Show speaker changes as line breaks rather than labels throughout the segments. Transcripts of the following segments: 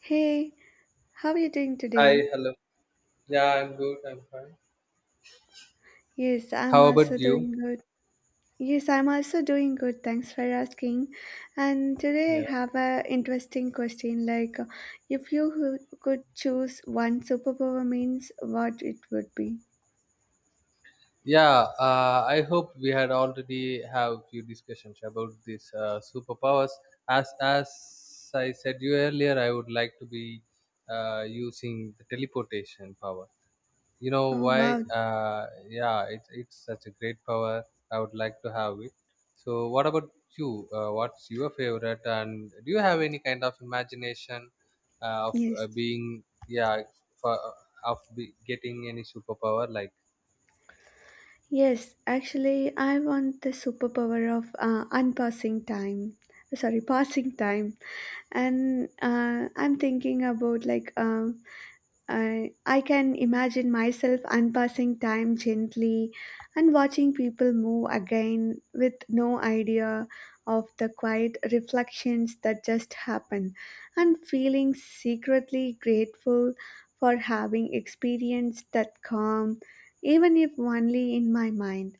Hey, how are you doing today?
Hi, hello. Yeah, I'm good. I'm fine.
Yes, I'm
How
also
about
doing
you?
good. Yes, I'm also doing good. Thanks for asking. And today
Yeah.
I have a interesting question like if could choose one superpower means what it would be.
Yeah. I hope we had already have few discussions about these superpowers. As I said you earlier, I would like to be using the teleportation power. You know
Oh
why
wow.
yeah, it's such a great power. I would like to have it. So what about you? What's your favorite, and do you have any kind of imagination of
Yes.
being, yeah, for of getting any superpower like?
Yes, actually I want the superpower of unpassing time. Sorry, passing time. And I'm thinking about like I can imagine myself unpassing time gently and watching people move again with no idea of the quiet reflections that just happen and feeling secretly grateful for having experienced that calm, even if only in my mind.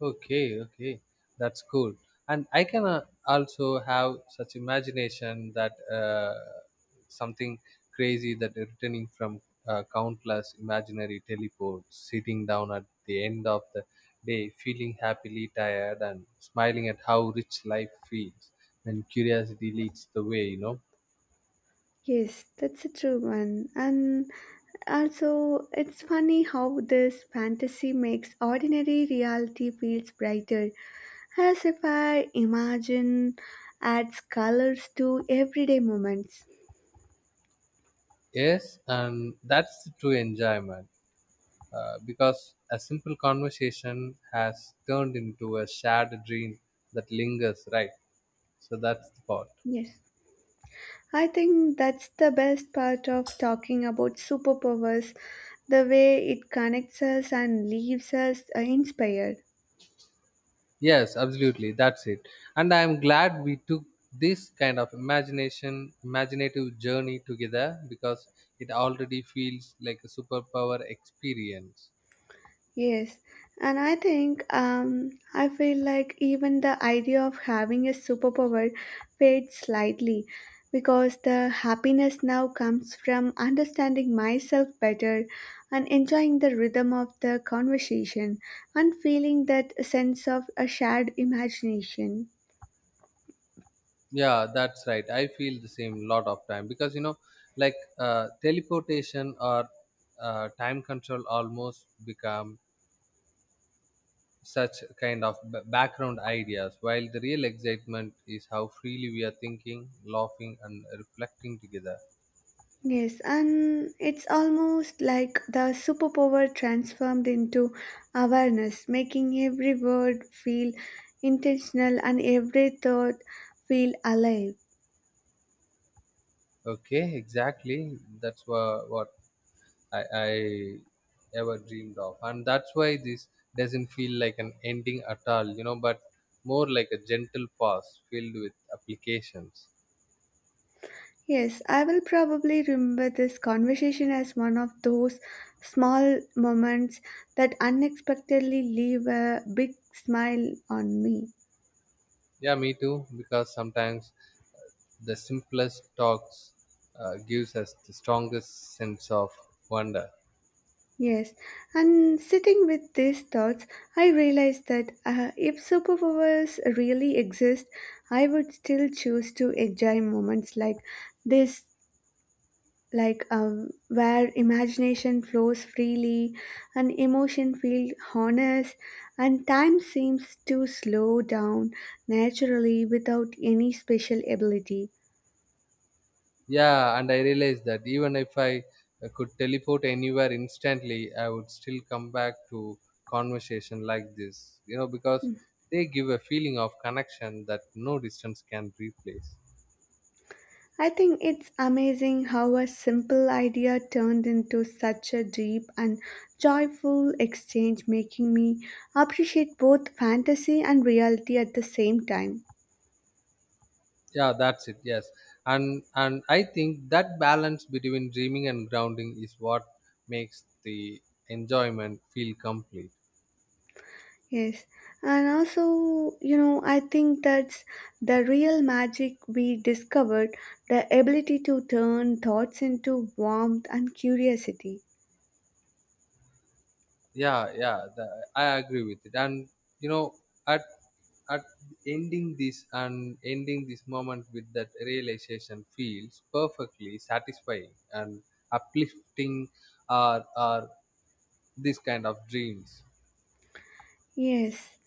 Okay, okay, that's cool. And I can also have such imagination that something crazy, that returning from countless imaginary teleports, sitting down at the end of the day, feeling happily tired and smiling at how rich life feels when curiosity leads the way, you know.
Yes, that's a true one. And also, it's funny how this fantasy makes ordinary reality feels brighter as if I imagine adds colors to everyday moments.
Yes, and that's the true enjoyment. Because a simple conversation has turned into a shared dream that lingers, right? So that's the part.
Yes. I think that's the best part of talking about superpowers, the way it connects us and leaves us inspired.
Yes, absolutely. That's it. And I'm glad we took this kind of imagination, imaginative journey together, because it already feels like a superpower experience.
Yes, and I think I feel like even the idea of having a superpower fades slightly because the happiness now comes from understanding myself better and enjoying the rhythm of the conversation and feeling that sense of a shared imagination.
Yeah, that's right. I feel the same lot of time because teleportation or time control almost become such kind of background ideas, while the real excitement is how freely we are thinking, laughing, and reflecting together.
Yes, and it's almost like the superpower transformed into awareness, making every word feel intentional and every thought feel alive.
Okay, exactly. That's what I ever dreamed of, and that's why this doesn't feel like an ending at all, you know, but more like a gentle pause filled with applications.
Yes, I will probably remember this conversation as one of those small moments that unexpectedly leave a big smile on me.
Yeah, me too, because sometimes uh, the simplest talks gives us the strongest sense of wonder.
Yes, and sitting with these thoughts, I realized that if superpowers really exist, I would still choose to enjoy moments like this, where imagination flows freely and emotion feels honest, and time seems to slow down naturally without any special ability.
Yeah, and I realized that even if I could teleport anywhere instantly, I would still come back to conversation like this, you know, because they give a feeling of connection that no distance can replace.
I think it's amazing how a simple idea turned into such a deep and joyful exchange, making me appreciate both fantasy and reality at the same time.
Yeah, that's it. Yes. And I think that balance between dreaming and grounding is what makes the enjoyment feel complete.
Yes. And also, you know, I think that's the real magic we discovered the ability to turn thoughts into warmth and curiosity.
Yeah, yeah, I agree with it. And you know, at at ending this and ending this moment with that realization feels perfectly satisfying and uplifting. Are this kind of dreams?
Yes.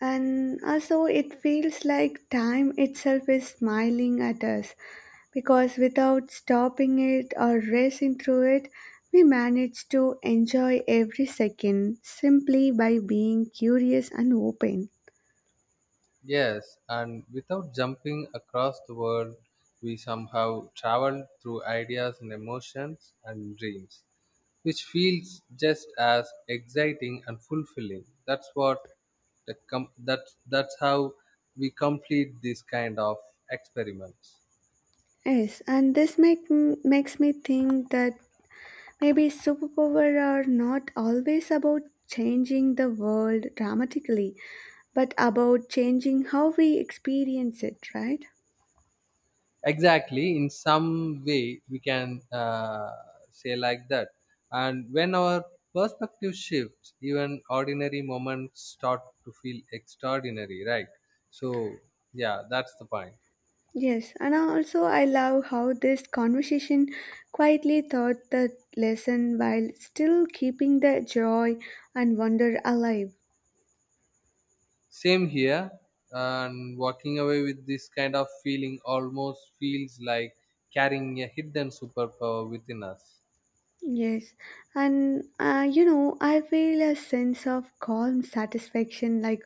And also, it feels like time itself is smiling at us because without stopping it or racing through it, we manage to enjoy every second simply by being curious and open.
Yes, and without jumping across the world, we somehow travel through ideas and emotions and dreams, which feels just as exciting and fulfilling. That's what that's how we complete this kind of experiments.
Yes, and this makes me think that maybe superpower are not always about changing the world dramatically, but about changing how we experience it, right?
Exactly, in some way we can say like that. And when our perspective shifts, even ordinary moments start to feel extraordinary, right? So yeah, that's the point.
Yes, and also I love how this conversation quietly taught the lesson while still keeping the joy and wonder alive.
Same here. And walking away with this kind of feeling almost feels like carrying a hidden superpower within us.
Yes, and you know, I feel a sense of calm satisfaction like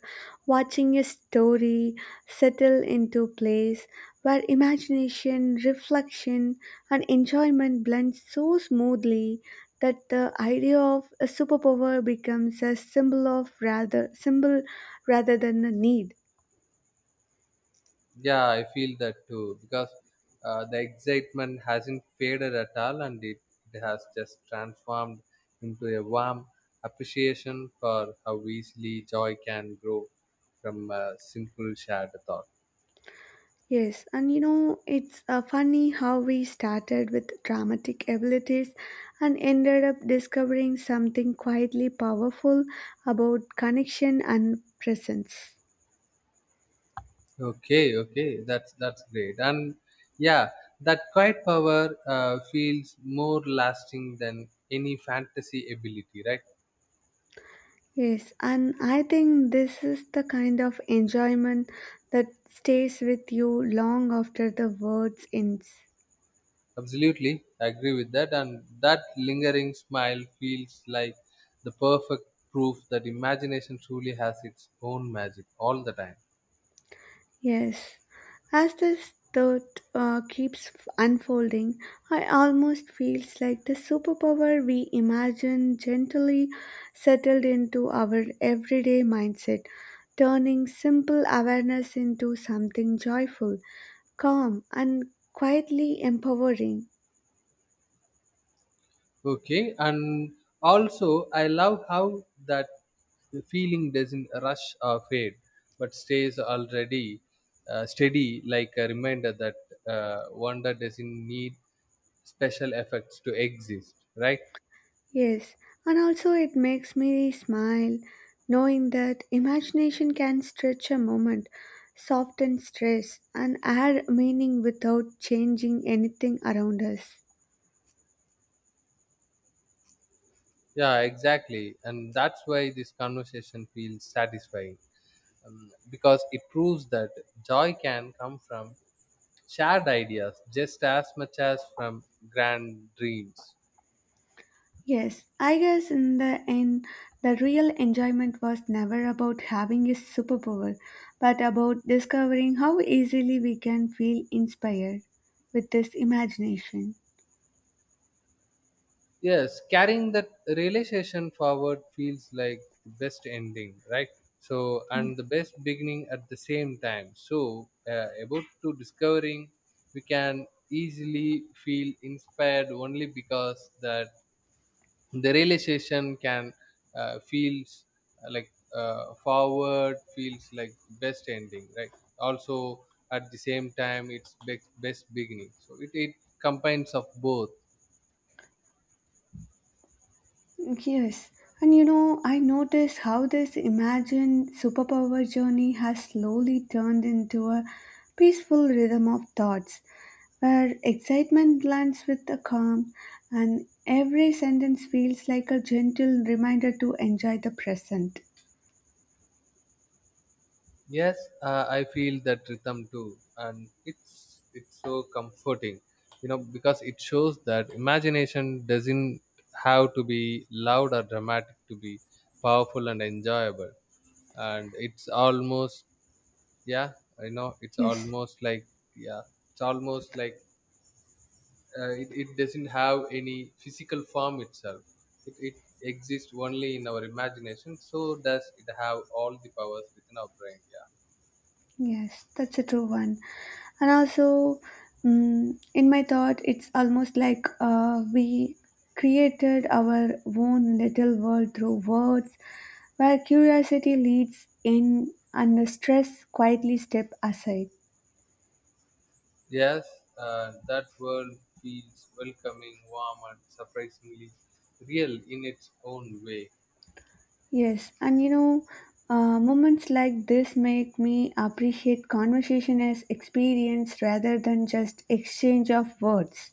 watching a story settle into place where imagination, reflection, and enjoyment blend so smoothly that the idea of a superpower becomes a symbol of rather symbol rather than a need.
Yeah, I feel that too, because the excitement hasn't faded at all, and it has just transformed into a warm appreciation for how easily joy can grow from a simple shared thought.
Yes, and you know, it's funny how we started with dramatic abilities and ended up discovering something quietly powerful about connection and presence.
Okay, okay, that's great. And yeah, that quiet power feels more lasting than any fantasy ability, right?
Yes, and I think this is the kind of enjoyment that stays with you long after the words ends.
Absolutely, I agree with that. And that lingering smile feels like the perfect proof that imagination truly has its own magic all the time.
Yes. As this thought keeps unfolding, I almost feels like the superpower we imagine gently settled into our everyday mindset, turning simple awareness into something joyful, calm, and quietly empowering.
Okay, and also I love how that the feeling doesn't rush or fade, but stays already steady, like a reminder that wonder doesn't need special effects to exist. Right?
Yes, and also it makes me smile knowing that imagination can stretch a moment, soften stress, and add meaning without changing anything around us.
Yeah, exactly. And that's why this conversation feels satisfying, because it proves that joy can come from shared ideas just as much as from grand dreams.
Yes, I guess in the end, the real enjoyment was never about having a superpower, but about discovering how easily we can feel inspired with this imagination.
Yes, carrying that realization forward feels like the best ending, right? So, and the best beginning at the same time. So, about to discovering, we can easily feel inspired only because that the realization can feels forward, feels like best ending, right? Also, at the same time, it's best beginning. So it combines of both.
Yes, and you know, I notice how this imagined superpower journey has slowly turned into a peaceful rhythm of thoughts, where excitement blends with the calm, and every sentence feels like a gentle reminder to enjoy the present.
Yes, I feel that rhythm too, and it's so comforting, you know, because it shows that imagination doesn't have to be loud or dramatic to be powerful and enjoyable. And it's almost, yeah, I know it's
Yes.
almost like, yeah, it's almost like it doesn't have any physical form itself. It exists only in our imagination. So does it have all the powers within our brain? Yeah.
Yes, that's a true one. And also, in my thought, it's almost like we created our own little world through words, where curiosity leads in and the stress quietly step aside.
Yes, that world feels welcoming, warm, and surprisingly real in its own way.
Yes, and you know, moments like this make me appreciate conversation as experience rather than just exchange of words.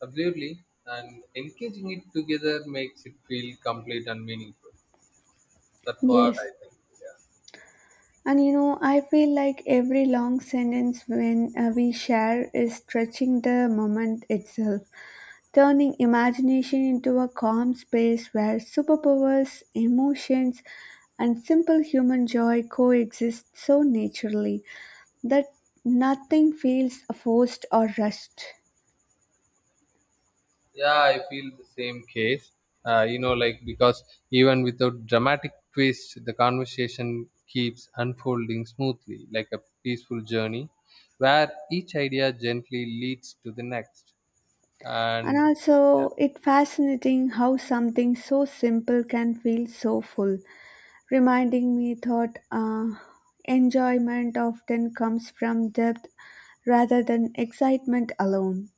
Absolutely. And engaging it together makes it feel complete and meaningful. That's what I
Yes,
think. Yeah.
and you know, I feel like every long sentence when we share is stretching the moment itself, turning imagination into a calm space where superpowers, emotions, and simple human joy coexist so naturally that nothing feels forced or rushed.
Yeah, I feel the same case. Because even without dramatic twist, the conversation keeps unfolding smoothly, like a peaceful journey, where each idea gently leads to the next.
And
And yeah,
also, it fascinating how something so simple can feel so full reminding me that enjoyment often comes from depth rather than excitement alone.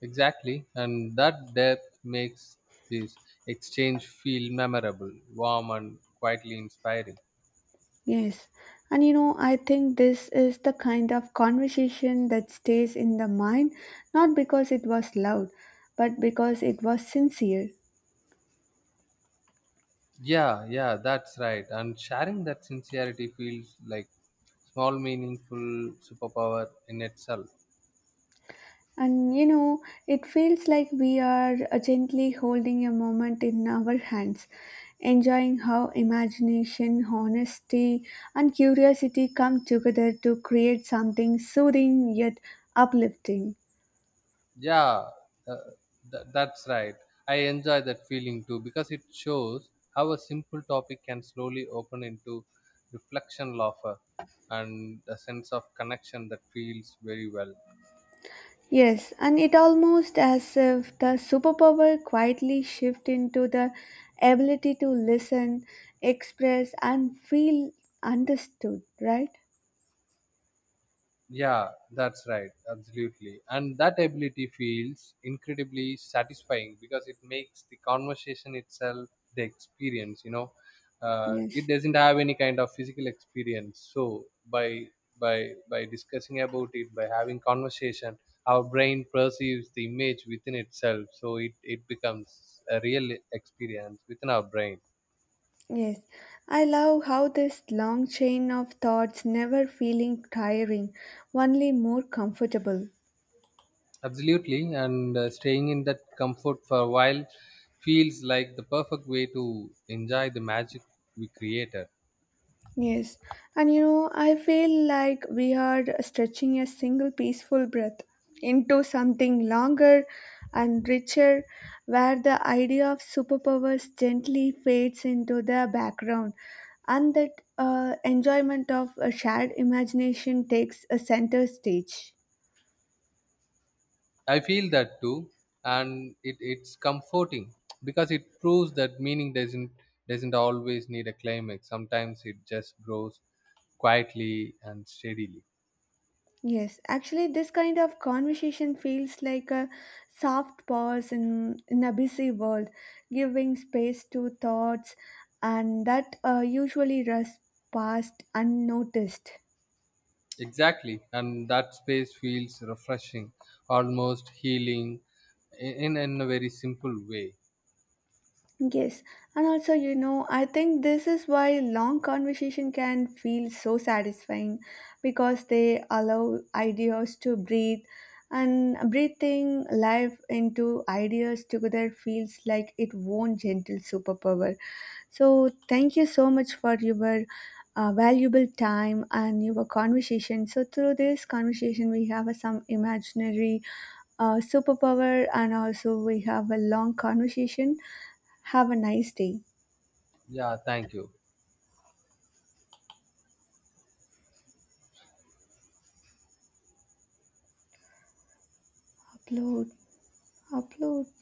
exactly, and that depth makes this exchange feel memorable, warm, and quietly inspiring.
Yes. And you know, I think this is the kind of conversation that stays in the mind, not because it was loud, but because it was sincere.
Yeah, yeah, that's right. And sharing that sincerity feels like small, meaningful superpower in itself.
And you know, it feels like we are gently holding a moment in our hands, enjoying how imagination, honesty, and curiosity come together to create something soothing yet uplifting.
Yeah, uh, that's right. I enjoy that feeling too, because it shows how a simple topic can slowly open into reflection, laughter, and a sense of connection that feels very well.
Yes, and it almost as if the superpower quietly shift into the ability to listen, express, and feel understood, right?
Yeah, that's right. Absolutely. And that ability feels incredibly satisfying because it makes the conversation itself the experience, you know.
Yes.
It doesn't have any kind of physical experience. So by by discussing about it, by having conversation, our brain perceives the image within itself. So it becomes a real experience within our brain.
Yes, I love how this long chain of thoughts never feeling tiring, only more comfortable.
Absolutely, and staying in that comfort for a while feels like the perfect way to enjoy the magic we created.
Yes, and you know, I feel like we are stretching a single peaceful breath into something longer and richer, where the idea of superpowers gently fades into the background, and that enjoyment of a shared imagination takes a center stage.
I feel that too, and it's comforting because it proves that meaning doesn't always need a climax. Sometimes it just grows quietly and steadily.
Yes, actually, this kind of conversation feels like a soft pause in a busy world, giving space to thoughts, and that usually rush past unnoticed.
Exactly, and that space feels refreshing, almost healing, in a very simple way.
Yes, and also, you know, I think this is why long conversation can feel so satisfying because they allow ideas to breathe and breathing life into ideas together feels like its own gentle superpower. So, thank you so much for your valuable time and your conversation. So, through this conversation, we have some imaginary superpower and also we have a long conversation have a nice day.
Yeah, thank you.
Upload, upload.